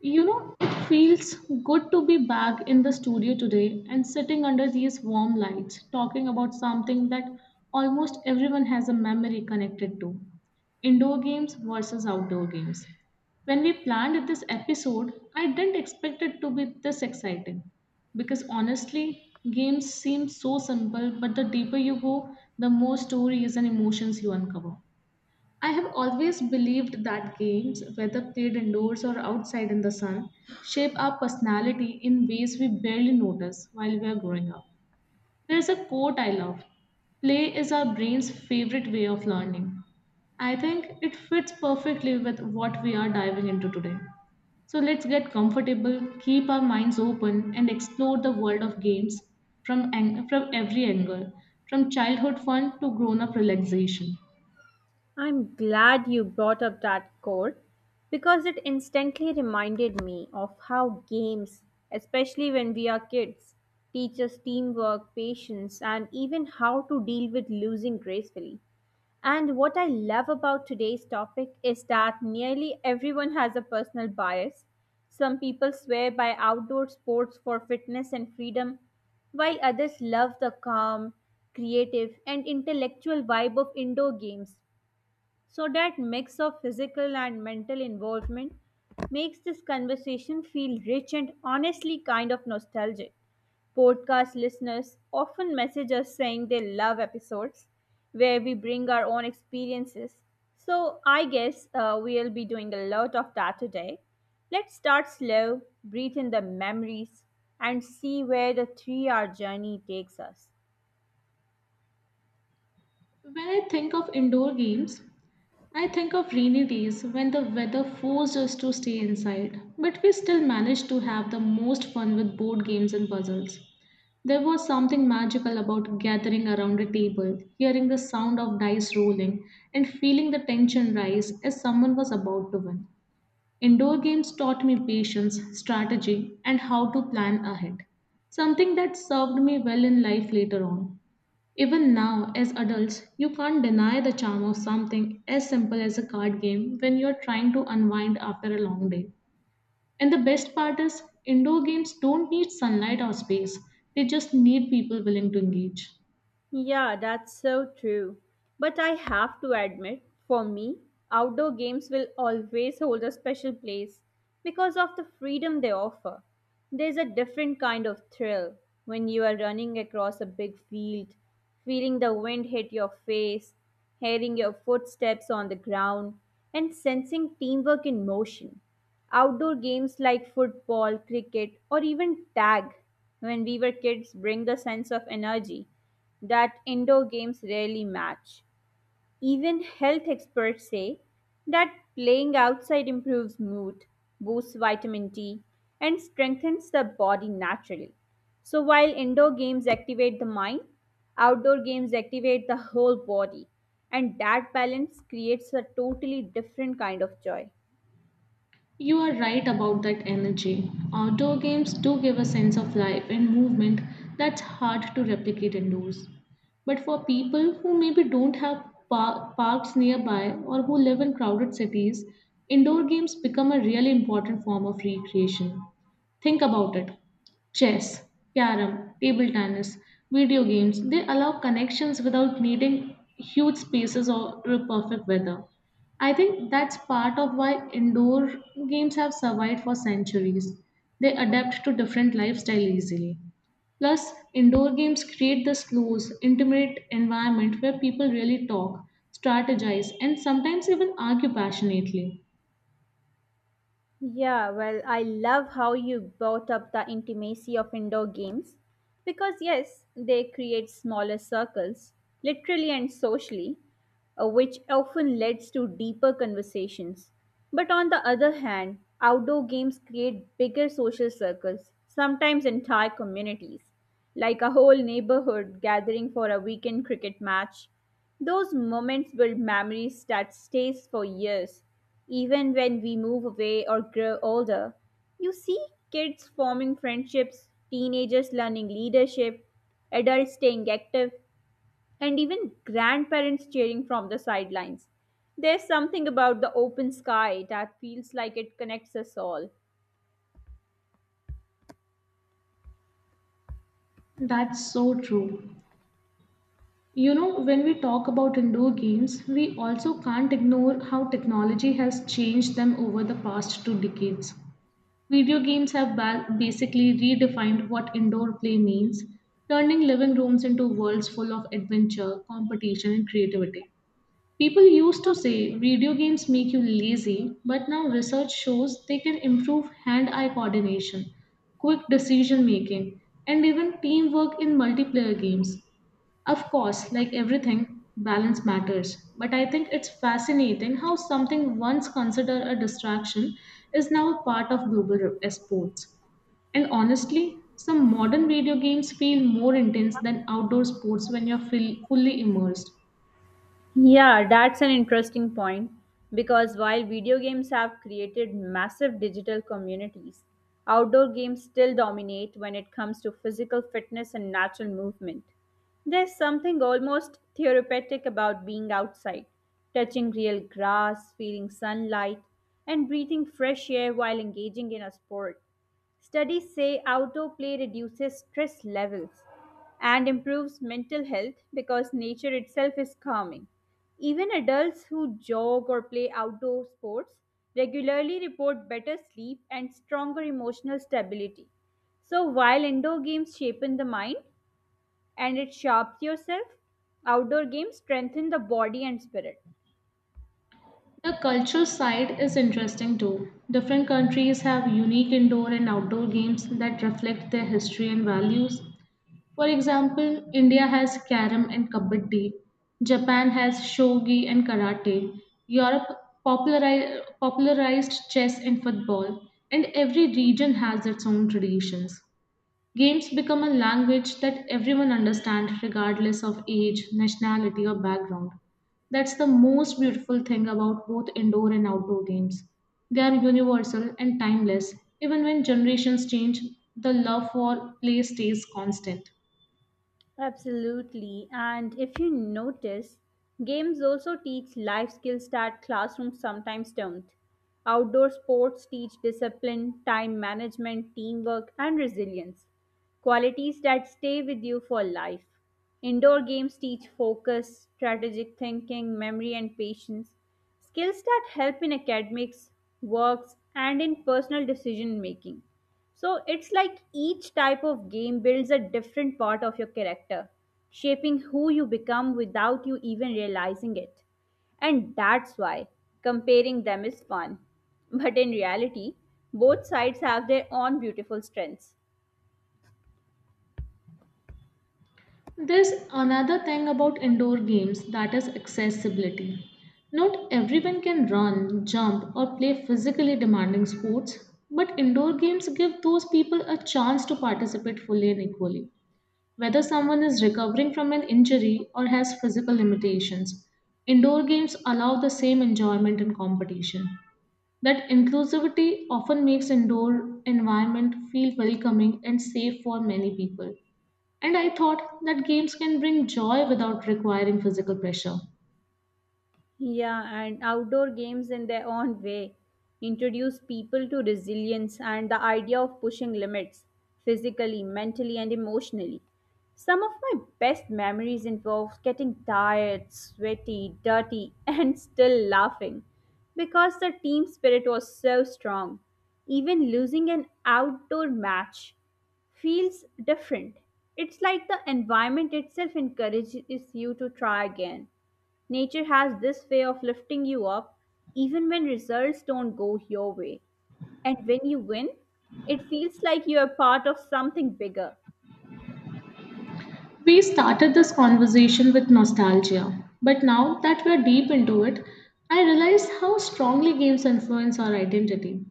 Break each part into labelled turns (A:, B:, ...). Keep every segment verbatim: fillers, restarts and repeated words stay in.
A: You know, it feels good to be back in the studio today and sitting under these warm lights talking about something that almost everyone has a memory connected to indoor games versus outdoor games. When we planned this episode, I didn't expect it to be this exciting because honestly, games seem so simple, but the deeper you go, the more stories and emotions you uncover. I have always believed that games, whether played indoors or outside in the sun, shape our personality in ways we barely notice while we are growing up. There's a quote I love: "Play is our brain's favorite way of learning." I think it fits perfectly with what we are diving into today. So let's get comfortable, keep our minds open, and explore the world of games from, ang- from every angle, from childhood fun to grown up relaxation.
B: I'm glad you brought up that core because it instantly reminded me of how games, especially when we are kids, teach us teamwork, patience, and even how to deal with losing gracefully. And what I love about today's topic is that nearly everyone has a personal bias. Some people swear by outdoor sports for fitness and freedom, while others love the calm, creative, and intellectual vibe of indoor games. So, that mix of physical and mental involvement makes this conversation feel rich and honestly kind of nostalgic. Podcast listeners often message us saying they love episodes where we bring our own experiences. So, I guess uh, we'll be doing a lot of that today. Let's start slow, breathe in the memories, and see where the three hour journey takes us.
A: When I think of indoor games, I think of rainy days when the weather forced us to stay inside, but we still managed to have the most fun with board games and puzzles. There was something magical about gathering around a table, hearing the sound of dice rolling, and feeling the tension rise as someone was about to win. Indoor games taught me patience, strategy, and how to plan ahead, something that served me well in life later on. Even now, as adults, you can't deny the charm of something as simple as a card game when you're trying to unwind after a long day. And the best part is, indoor games don't need sunlight or space, they just need people willing to engage.
B: Yeah, that's so true. But I have to admit, for me, outdoor games will always hold a special place because of the freedom they offer. There's a different kind of thrill when you are running across a big field, feeling the wind hit your face, hearing your footsteps on the ground, and sensing teamwork in motion. Outdoor games like football, cricket, or even tag when we were kids bring the sense of energy that indoor games rarely match. Even health experts say that playing outside improves mood, boosts vitamin D, and strengthens the body naturally. So while indoor games activate the mind, outdoor games activate the whole body, and that balance creates a totally different kind of joy.
A: You are right about that energy. Outdoor games do give a sense of life and movement that's hard to replicate indoors. But for people who maybe don't have par- parks nearby or who live in crowded cities, indoor games become a really important form of recreation. Think about it: chess, carom, table tennis, video games, they allow connections without needing huge spaces or or perfect weather. I think that's part of why indoor games have survived for centuries. They adapt to different lifestyle easily. Plus, indoor games create this close, intimate environment where people really talk, strategize, and sometimes even argue passionately.
B: Yeah, well, I love how you brought up the intimacy of indoor games because, yes, they create smaller circles, literally and socially, uh, which often leads to deeper conversations. But on the other hand, outdoor games create bigger social circles, sometimes entire communities, like a whole neighborhood gathering for a weekend cricket match, those moments build memories that stays for years. Even when we move away or grow older, you see kids forming friendships, teenagers learning leadership, adults staying active, and even grandparents cheering from the sidelines. There's something about the open sky that feels like it connects us all.
A: That's so true. You know, when we talk about indoor games, we also can't ignore how technology has changed them over the past two decades. Video games have ba- basically redefined what indoor play means, turning living rooms into worlds full of adventure, competition, and creativity. People used to say video games make you lazy, but now research shows they can improve hand eye coordination, quick decision making, and even teamwork in multiplayer games. Of course, like everything, balance matters. But I think it's fascinating how something once considered a distraction is now part of global r- sports. And honestly, some modern video games feel more intense than outdoor sports when you're fill- fully immersed.
B: Yeah, that's an interesting point because while video games have created massive digital communities, outdoor games still dominate when it comes to physical fitness and natural movement. There's something almost therapeutic about being outside, touching real grass, feeling sunlight, and breathing fresh air while engaging in a sport. Studies say outdoor play reduces stress levels and improves mental health because nature itself is calming. Even adults who jog or play outdoor sports regularly report better sleep and stronger emotional stability. So, while indoor games shapen the mind and it sharps yourself, outdoor games strengthen the body and spirit.
A: The culture side is interesting too. Different countries have unique indoor and outdoor games that reflect their history and values. For example, India has Karam and Kabaddi, Japan has Shogi and Karate, Europe populari- popularized chess and football, and every region has its own traditions. Games become a language that everyone understands regardless of age, nationality, or background. That's the most beautiful thing about both indoor and outdoor games. They are universal and timeless. Even when generations change, the love for play stays constant.
B: Absolutely. And if you notice, games also teach life skills that classrooms sometimes don't. Outdoor sports teach discipline, time management, teamwork, and resilience, qualities that stay with you for life. Indoor games teach focus, strategic thinking, memory, and patience, skills that help in academics, works, and in personal decision making. So it's like each type of game builds a different part of your character, shaping who you become without you even realizing it. And that's why comparing them is fun. But in reality, both sides have their own beautiful strengths.
A: There's another thing about indoor games that is accessibility. Not everyone can run, jump, or play physically demanding sports, but indoor games give those people a chance to participate fully and equally. Whether someone is recovering from an injury or has physical limitations, indoor games allow the same enjoyment and competition. That inclusivity often makes indoor environment feel welcoming and safe for many people. And I thought that games can bring joy without requiring physical pressure.
B: Yeah, and outdoor games in their own way introduce people to resilience and the idea of pushing limits physically, mentally, and emotionally. Some of my best memories involve getting tired, sweaty, dirty, and still laughing because the team spirit was so strong. Even losing an outdoor match feels different. It's like the environment itself encourages you to try again. Nature has this way of lifting you up even when results don't go your way. And when you win, it feels like you are part of something bigger.
A: We started this conversation with nostalgia, but now that we're deep into it, I realize how strongly games influence our identity.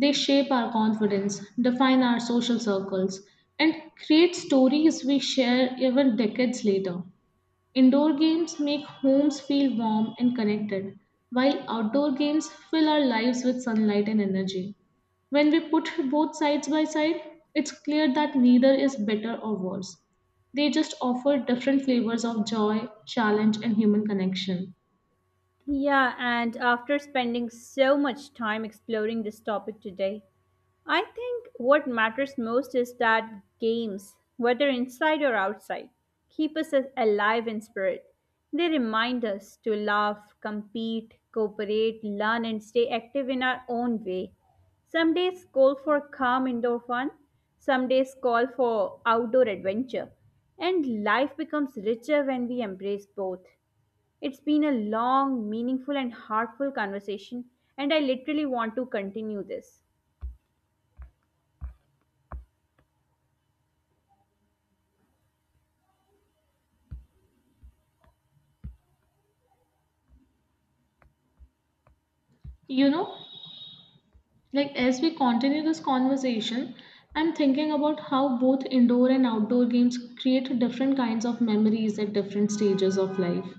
A: They shape our confidence, define our social circles, and create stories we share even decades later. Indoor games make homes feel warm and connected, while outdoor games fill our lives with sunlight and energy. When we put both sides by side, it's clear that neither is better or worse. They just offer different flavors of joy, challenge, and human connection.
B: Yeah, and after spending so much time exploring this topic today, I think what matters most is that games, whether inside or outside, keep us as- alive in spirit. They remind us to laugh, compete, cooperate, learn, and stay active in our own way. Some days call for calm indoor fun, some days call for outdoor adventure, and life becomes richer when we embrace both. It's been a long, meaningful, and heartful conversation, and I literally want to continue this.
A: You know, like as we continue this conversation, I'm thinking about how both indoor and outdoor games create different kinds of memories at different stages of life.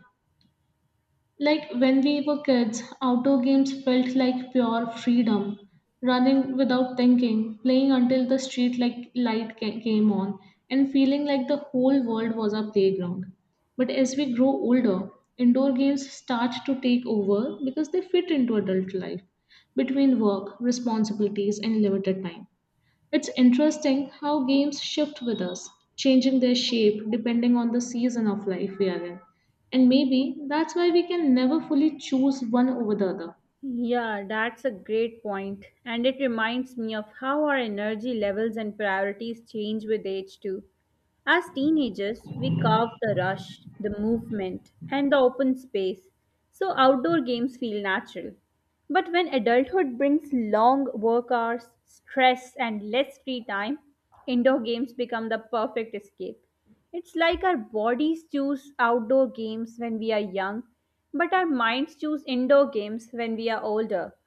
A: Like when we were kids, outdoor games felt like pure freedom. Running without thinking, playing until the street like light ca- came on, and feeling like the whole world was our playground. But as we grow older, indoor games start to take over because they fit into adult life between work, responsibilities, and limited time. It's interesting how games shift with us, changing their shape depending on the season of life we are in. And maybe that's why we can never fully choose one over the other.
B: Yeah, that's a great point, and it reminds me of how our energy levels and priorities change with age, too. As teenagers, we carve the rush, the movement, and the open space, so outdoor games feel natural. But when adulthood brings long work hours, stress, and less free time, indoor games become the perfect escape. It's like our bodies choose outdoor games when we are young, but our minds choose indoor games when we are older.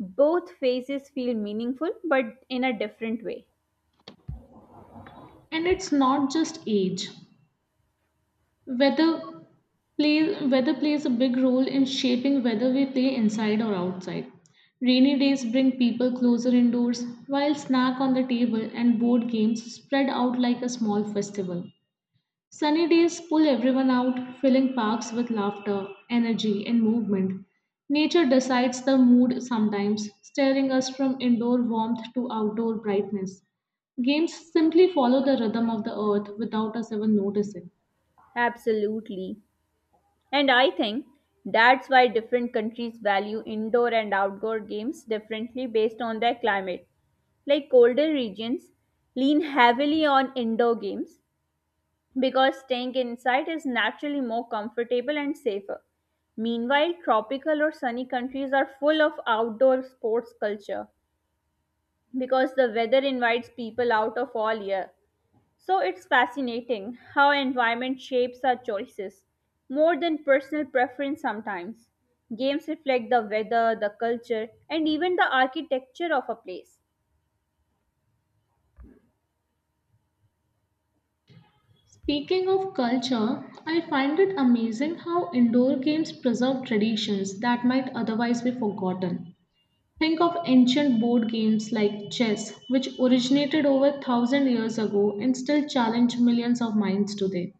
B: Both phases feel meaningful, but in a different way.
A: And it's not just age. Weather play, weather plays a big role in shaping whether we play inside or outside. Rainy days bring people closer indoors, while snack on the table and board games spread out like a small festival. Sunny days pull everyone out, filling parks with laughter, energy, and movement. Nature decides the mood sometimes, steering us from indoor warmth to outdoor brightness. Games simply follow the rhythm of the earth without us ever noticing.
B: Absolutely. And I think that's why different countries value indoor and outdoor games differently based on their climate. Like colder regions lean heavily on indoor games, because staying inside is naturally more comfortable and safer. Meanwhile, tropical or sunny countries are full of outdoor sports culture because the weather invites people out of all year. So it's fascinating how environment shapes our choices more than personal preference sometimes. Games reflect the weather, the culture, and even the architecture of a place.
A: Speaking of culture, I find it amazing how indoor games preserve traditions that might otherwise be forgotten. Think of ancient board games like chess, which originated over one thousand years ago and still challenge millions of minds today.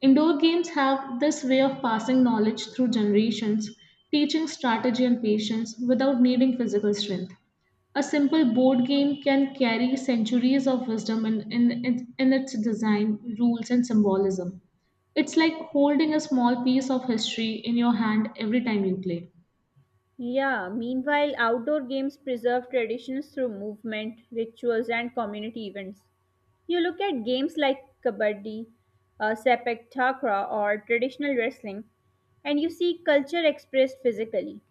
A: Indoor games have this way of passing knowledge through generations, teaching strategy and patience without needing physical strength. A simple board game can carry centuries of wisdom in, in, in its design, rules, and symbolism. It's like holding a small piece of history in your hand every time you play.
B: Yeah, meanwhile, outdoor games preserve traditions through movement, rituals, and community events. You look at games like kabaddi, uh, sepak takraw, or traditional wrestling, and you see culture expressed physically.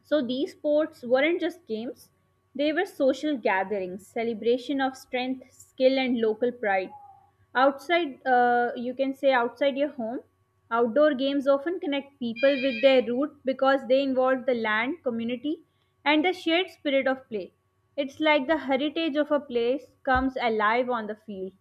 B: So these sports weren't just games, they were social gatherings, celebration of strength, skill, and local pride. Outside, uh, you can say outside your home, outdoor games often connect people with their root because they involve the land, community, and the shared spirit of play. It's like the heritage of a place comes alive on the field.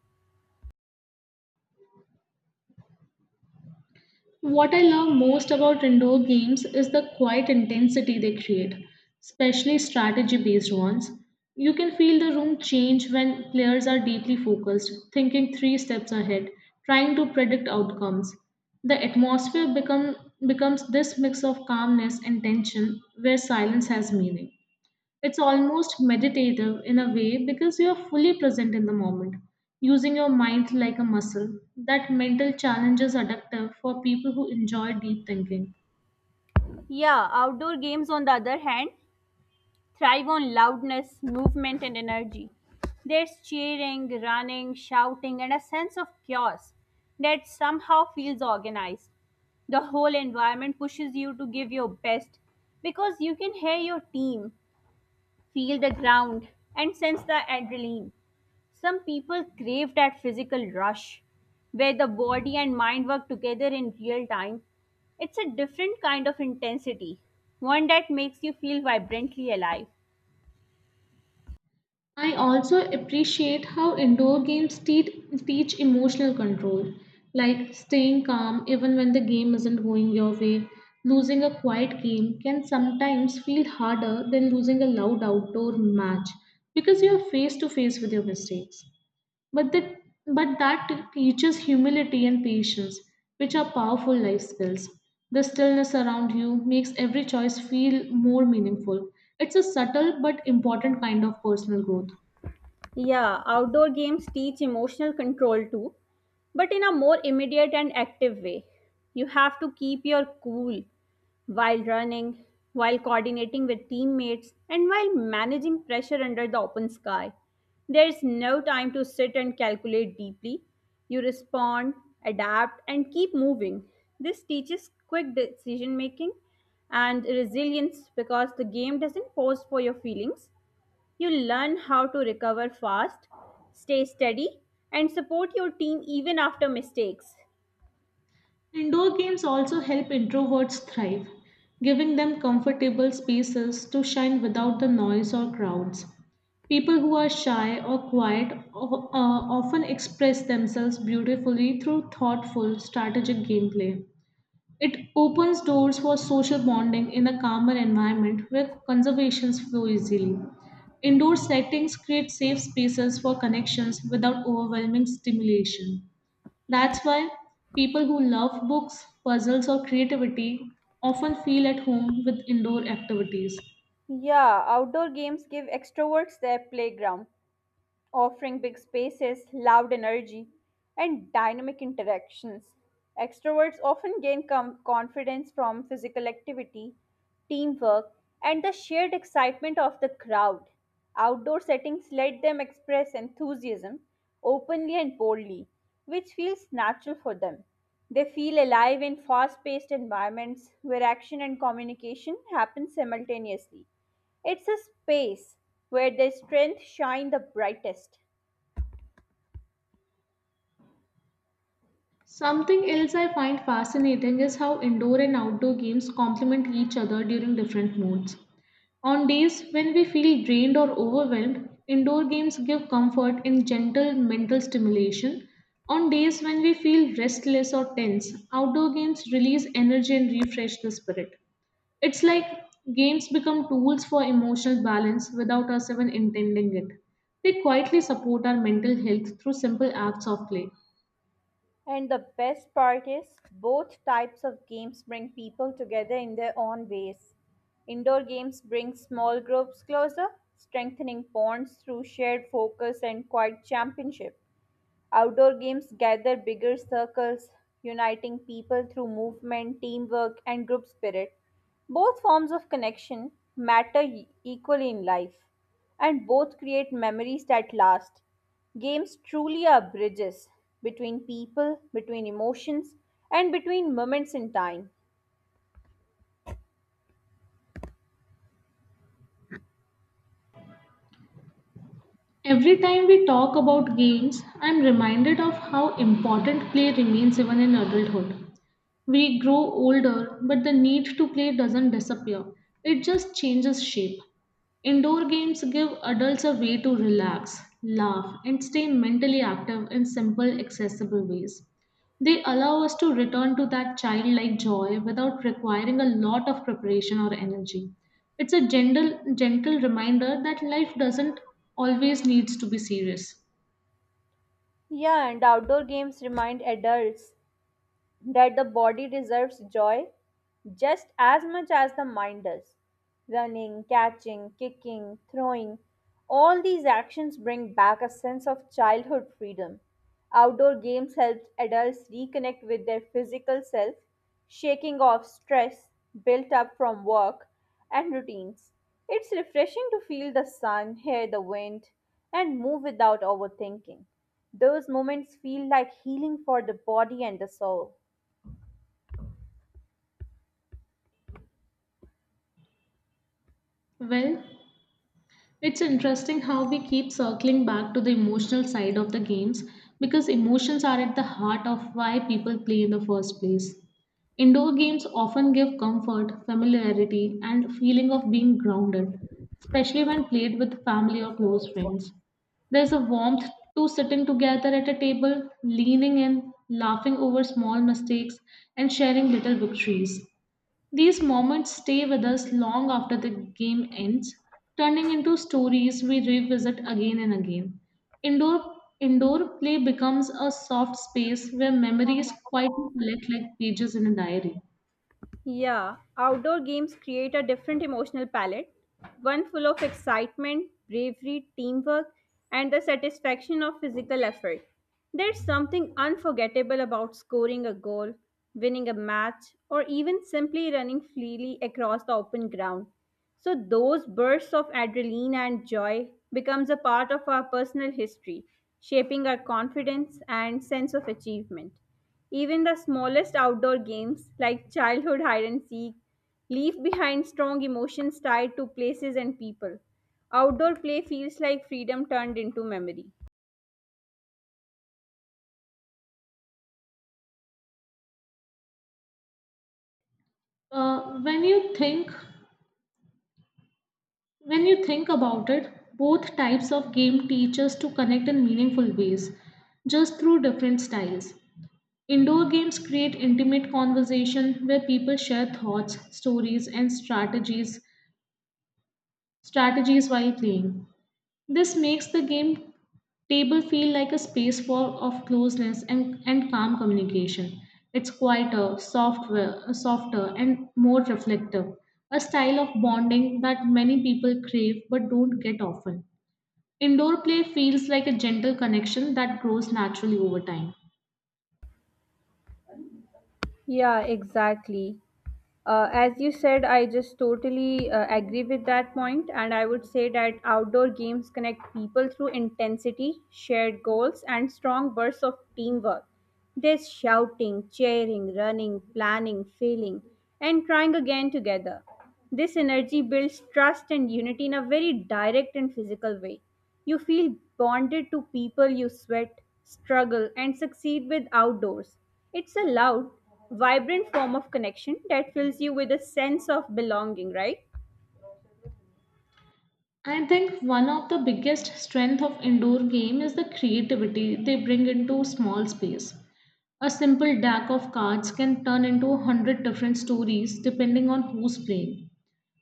A: What I love most about indoor games is the quiet intensity they create, especially strategy based ones. You can feel the room change when players are deeply focused, thinking three steps ahead, trying to predict outcomes. The atmosphere become, becomes this mix of calmness and tension where silence has meaning. It's almost meditative in a way because you're fully present in the moment, using your mind like a muscle. That mental challenge is addictive for people who enjoy deep thinking.
B: Yeah, outdoor games, on the other hand, thrive on loudness, movement, and energy. There's cheering, running, shouting, and a sense of chaos that somehow feels organized. The whole environment pushes you to give your best because you can hear your team, feel the ground, and sense the adrenaline. Some people crave that physical rush where the body and mind work together in real time. It's a different kind of intensity, one that makes you feel vibrantly alive.
A: I also appreciate how indoor games te- teach emotional control, like staying calm even when the game isn't going your way. Losing a quiet game can sometimes feel harder than losing a loud outdoor match because you're face to face with your mistakes. But that, but that teaches humility and patience, which are powerful life skills. The stillness around you makes every choice feel more meaningful. It's a subtle but important kind of personal growth.
B: Yeah, outdoor games teach emotional control too, but in a more immediate and active way. You have to keep your cool while running, while coordinating with teammates, and while managing pressure under the open sky. There is no time to sit and calculate deeply. You respond, adapt, and keep moving. This teaches quick decision making and resilience because the game doesn't pause for your feelings, you learn how to recover fast, stay steady, and support your team even after mistakes.
A: Indoor games also help introverts thrive, giving them comfortable spaces to shine without the noise or crowds. People who are shy or quiet o- uh, often express themselves beautifully through thoughtful, strategic gameplay. It opens doors for social bonding in a calmer environment where conversations flow easily. Indoor settings create safe spaces for connections without overwhelming stimulation. That's why people who love books, puzzles, or creativity often feel at home with indoor activities.
B: Yeah, outdoor games give extroverts their playground, offering big spaces, loud energy, and dynamic interactions. Extroverts often gain com- confidence from physical activity, teamwork, and the shared excitement of the crowd. Outdoor settings let them express enthusiasm openly and boldly, which feels natural for them. They feel alive in fast paced environments where action and communication happen simultaneously. It's a space where their strengths shine the brightest.
A: Something else I find fascinating is how indoor and outdoor games complement each other during different moods. On days when we feel drained or overwhelmed, indoor games give comfort and gentle mental stimulation. On days when we feel restless or tense, outdoor games release energy and refresh the spirit. It's like games become tools for emotional balance without us even intending it. They quietly support our mental health through simple acts of play.
B: And the best part is, both types of games bring people together in their own ways. Indoor games bring small groups closer, strengthening bonds through shared focus and quiet championship. Outdoor games gather bigger circles, uniting people through movement, teamwork, and group spirit. Both forms of connection matter e- equally in life, and both create memories that last. Games truly are bridges between people, between emotions, and between moments in time.
A: Every time we talk about games, I'm reminded of how important play remains even in adulthood. We grow older, but the need to play doesn't disappear. It just changes shape. Indoor games give adults a way to relax, laugh, and stay mentally active in simple, accessible ways. They allow us to return to that childlike joy without requiring a lot of preparation or energy. It's a gentle, gentle reminder that life doesn't always needs to be serious.
B: Yeah, and outdoor games remind adults that the body deserves joy just as much as the mind does. Running, catching, kicking, throwing, all these actions bring back a sense of childhood freedom. Outdoor games help adults reconnect with their physical self, shaking off stress built up from work and routines. It's refreshing to feel the sun, hear the wind, and move without overthinking. Those moments feel like healing for the body and the soul.
A: Well, it's interesting how we keep circling back to the emotional side of the games because emotions are at the heart of why people play in the first place. Indoor games often give comfort, familiarity, and feeling of being grounded, especially when played with family or close friends. There's a warmth to sitting together at a table, leaning in, laughing over small mistakes, and sharing little victories. These moments stay with us long after the game ends, turning into stories we revisit again and again. Indoor indoor play becomes a soft space where memories quietly collect like pages in a diary.
B: Yeah, outdoor games create a different emotional palette, one full of excitement, bravery, teamwork, and the satisfaction of physical effort. There's something unforgettable about scoring a goal, winning a match, or even simply running freely across the open ground. So those bursts of adrenaline and joy becomes a part of our personal history, shaping our confidence and sense of achievement. Even the smallest outdoor games, like childhood hide and seek, leave behind strong emotions tied to places and people. Outdoor play feels like freedom turned into memory.
A: Uh, when you think when you think about it, both types of game teach us to connect in meaningful ways, just through different styles. Indoor games create intimate conversation where people share thoughts, stories, and strategies strategies while playing. This makes the game table feel like a space for of closeness and, and calm communication. It's quieter, softer, softer, and more reflective, a style of bonding that many people crave but don't get often. Indoor play feels like a gentle connection that grows naturally over time.
B: Yeah, exactly. Uh, as you said, I just totally uh, agree with that point, and I would say that outdoor games connect people through intensity, shared goals, and strong bursts of teamwork. There's shouting, cheering, running, planning, failing, and trying again together. This energy builds trust and unity in a very direct and physical way. You feel bonded to people you sweat, struggle, and succeed with outdoors. It's a loud, vibrant form of connection that fills you with a sense of belonging, right?
A: I think one of the biggest strength of indoor game is the creativity they bring into small space. A simple deck of cards can turn into a hundred different stories depending on who's playing.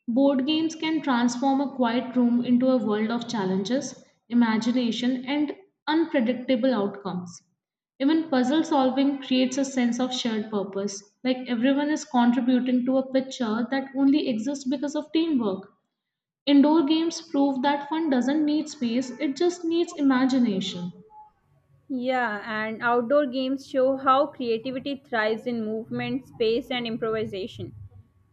A: Board games can transform a quiet room into a world of challenges, imagination, and unpredictable outcomes. Even puzzle solving creates a sense of shared purpose, like everyone is contributing to a picture that only exists because of teamwork. Indoor games prove that fun doesn't need space, it just needs imagination.
B: Yeah, and outdoor games show how creativity thrives in movement, space, and improvisation.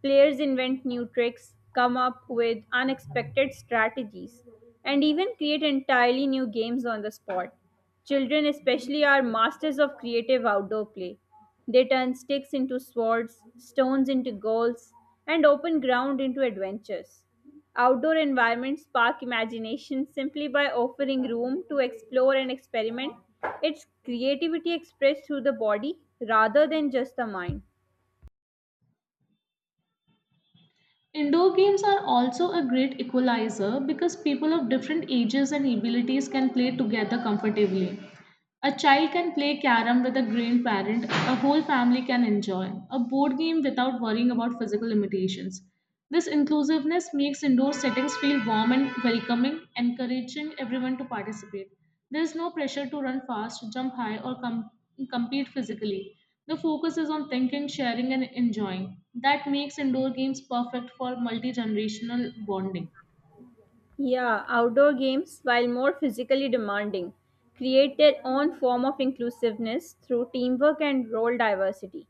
B: Players invent new tricks, come up with unexpected strategies, and even create entirely new games on the spot. Children, especially, are masters of creative outdoor play. They turn sticks into swords, stones into goals, and open ground into adventures. Outdoor environments spark imagination simply by offering room to explore and experiment. It's creativity expressed through the body rather than just the mind.
A: Indoor games are also a great equalizer because people of different ages and abilities can play together comfortably. A child can play carom with a grandparent, a whole family can enjoy a board game without worrying about physical limitations. This inclusiveness makes indoor settings feel warm and welcoming, encouraging everyone to participate. There is no pressure to run fast, jump high, or com- compete physically. The focus is on thinking, sharing, and enjoying. That makes indoor games perfect for multi generational bonding.
B: Yeah, outdoor games, while more physically demanding, create their own form of inclusiveness through teamwork and role diversity.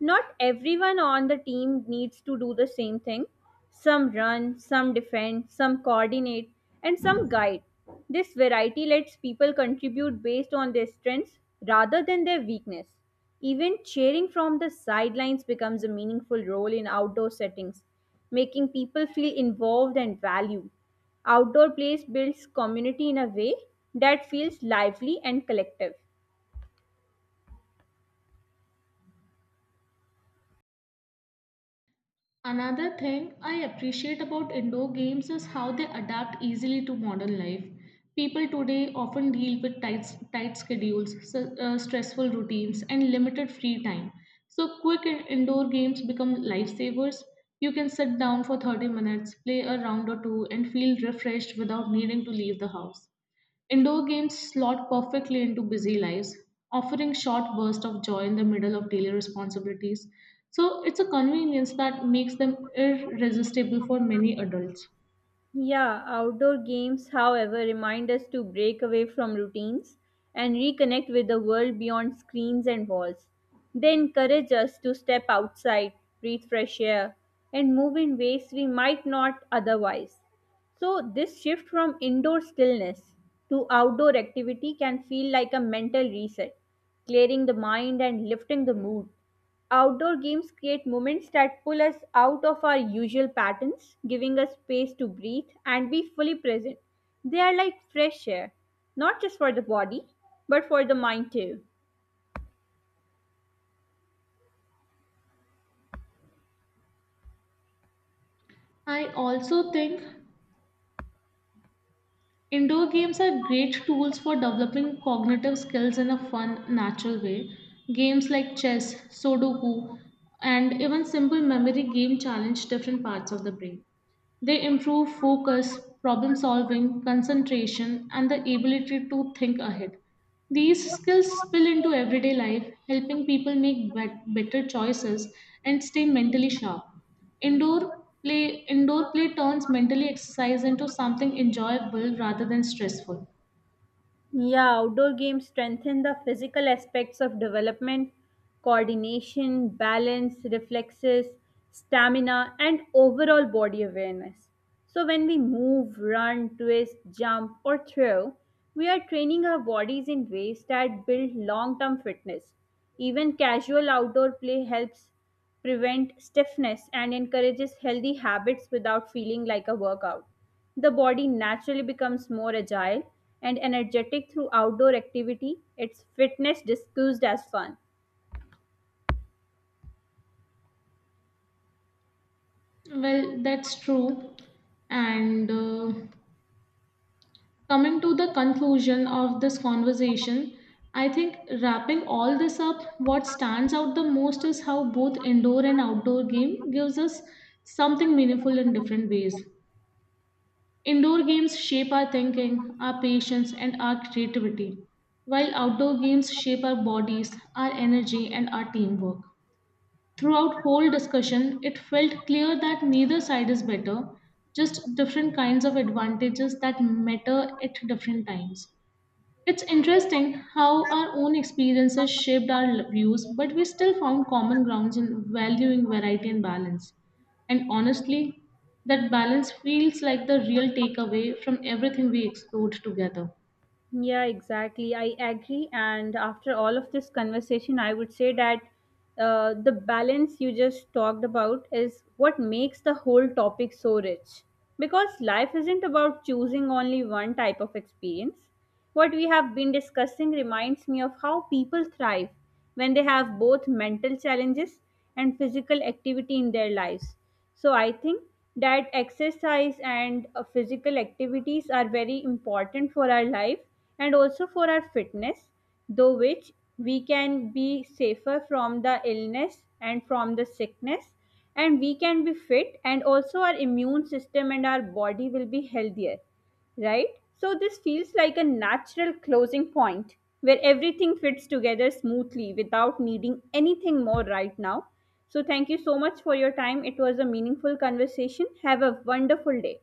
B: Not everyone on the team needs to do the same thing. Some run, some defend, some coordinate, and some guide. This variety lets people contribute based on their strengths rather than their weakness. Even cheering from the sidelines becomes a meaningful role in outdoor settings, making people feel involved and valued. Outdoor place builds community in a way that feels lively and collective.
A: Another thing I appreciate about indoor games is how they adapt easily to modern life. People today often deal with tight, tight schedules, so- uh, stressful routines, and limited free time. So, quick in- indoor games become lifesavers. You can sit down for thirty minutes, play a round or two, and feel refreshed without needing to leave the house. Indoor games slot perfectly into busy lives, offering short bursts of joy in the middle of daily responsibilities. So it's a convenience that makes them irresistible for many adults.
B: Yeah, outdoor games, however, remind us to break away from routines and reconnect with the world beyond screens and walls. They encourage us to step outside, breathe fresh air, and move in ways we might not otherwise. So, this shift from indoor stillness to outdoor activity can feel like a mental reset, clearing the mind and lifting the mood. Outdoor games create moments that pull us out of our usual patterns, giving us space to breathe and be fully present. They are like fresh air, not just for the body, but for the mind too.
A: I also think indoor games are great tools for developing cognitive skills in a fun, natural way. Games like chess, Sudoku, and even simple memory game challenge different parts of the brain. They improve focus, problem solving, concentration, and the ability to think ahead. These skills spill into everyday life, helping people make bet- better choices and stay mentally sharp. Indoor play, indoor play turns mentally exercise into something enjoyable rather than stressful.
B: Yeah, outdoor games strengthen the physical aspects of development, coordination, balance, reflexes, stamina, and overall body awareness. So, when we move, run, twist, jump, or throw, we are training our bodies in ways that build long term fitness. Even casual outdoor play helps prevent stiffness and encourages healthy habits without feeling like a workout. The body naturally becomes more agile and energetic through outdoor activity. It's fitness disguised as fun.
A: Well, that's true. And uh, Coming to the conclusion of this conversation, I think wrapping all this up, what stands out the most is how both indoor and outdoor game gives us something meaningful in different ways. Indoor games shape our thinking, our patience, and our creativity, while outdoor games shape our bodies, our energy, and our teamwork. Throughout whole discussion, it felt clear that neither side is better, just different kinds of advantages that matter at different times. It's interesting how our own experiences shaped our views, but we still found common grounds in valuing variety and balance. And honestly, that balance feels like the real takeaway from everything we explored together.
B: Yeah, exactly. I agree. And after all of this conversation, I would say that uh, the balance you just talked about is what makes the whole topic so rich. Because life isn't about choosing only one type of experience. What we have been discussing reminds me of how people thrive when they have both mental challenges and physical activity in their lives. So I think that exercise and uh, physical activities are very important for our life and also for our fitness, though which we can be safer from the illness and from the sickness and we can be fit and also our immune system and our body will be healthier, right? So this feels like a natural closing point where everything fits together smoothly without needing anything more right now. So thank you so much for your time. It was a meaningful conversation. Have a wonderful day.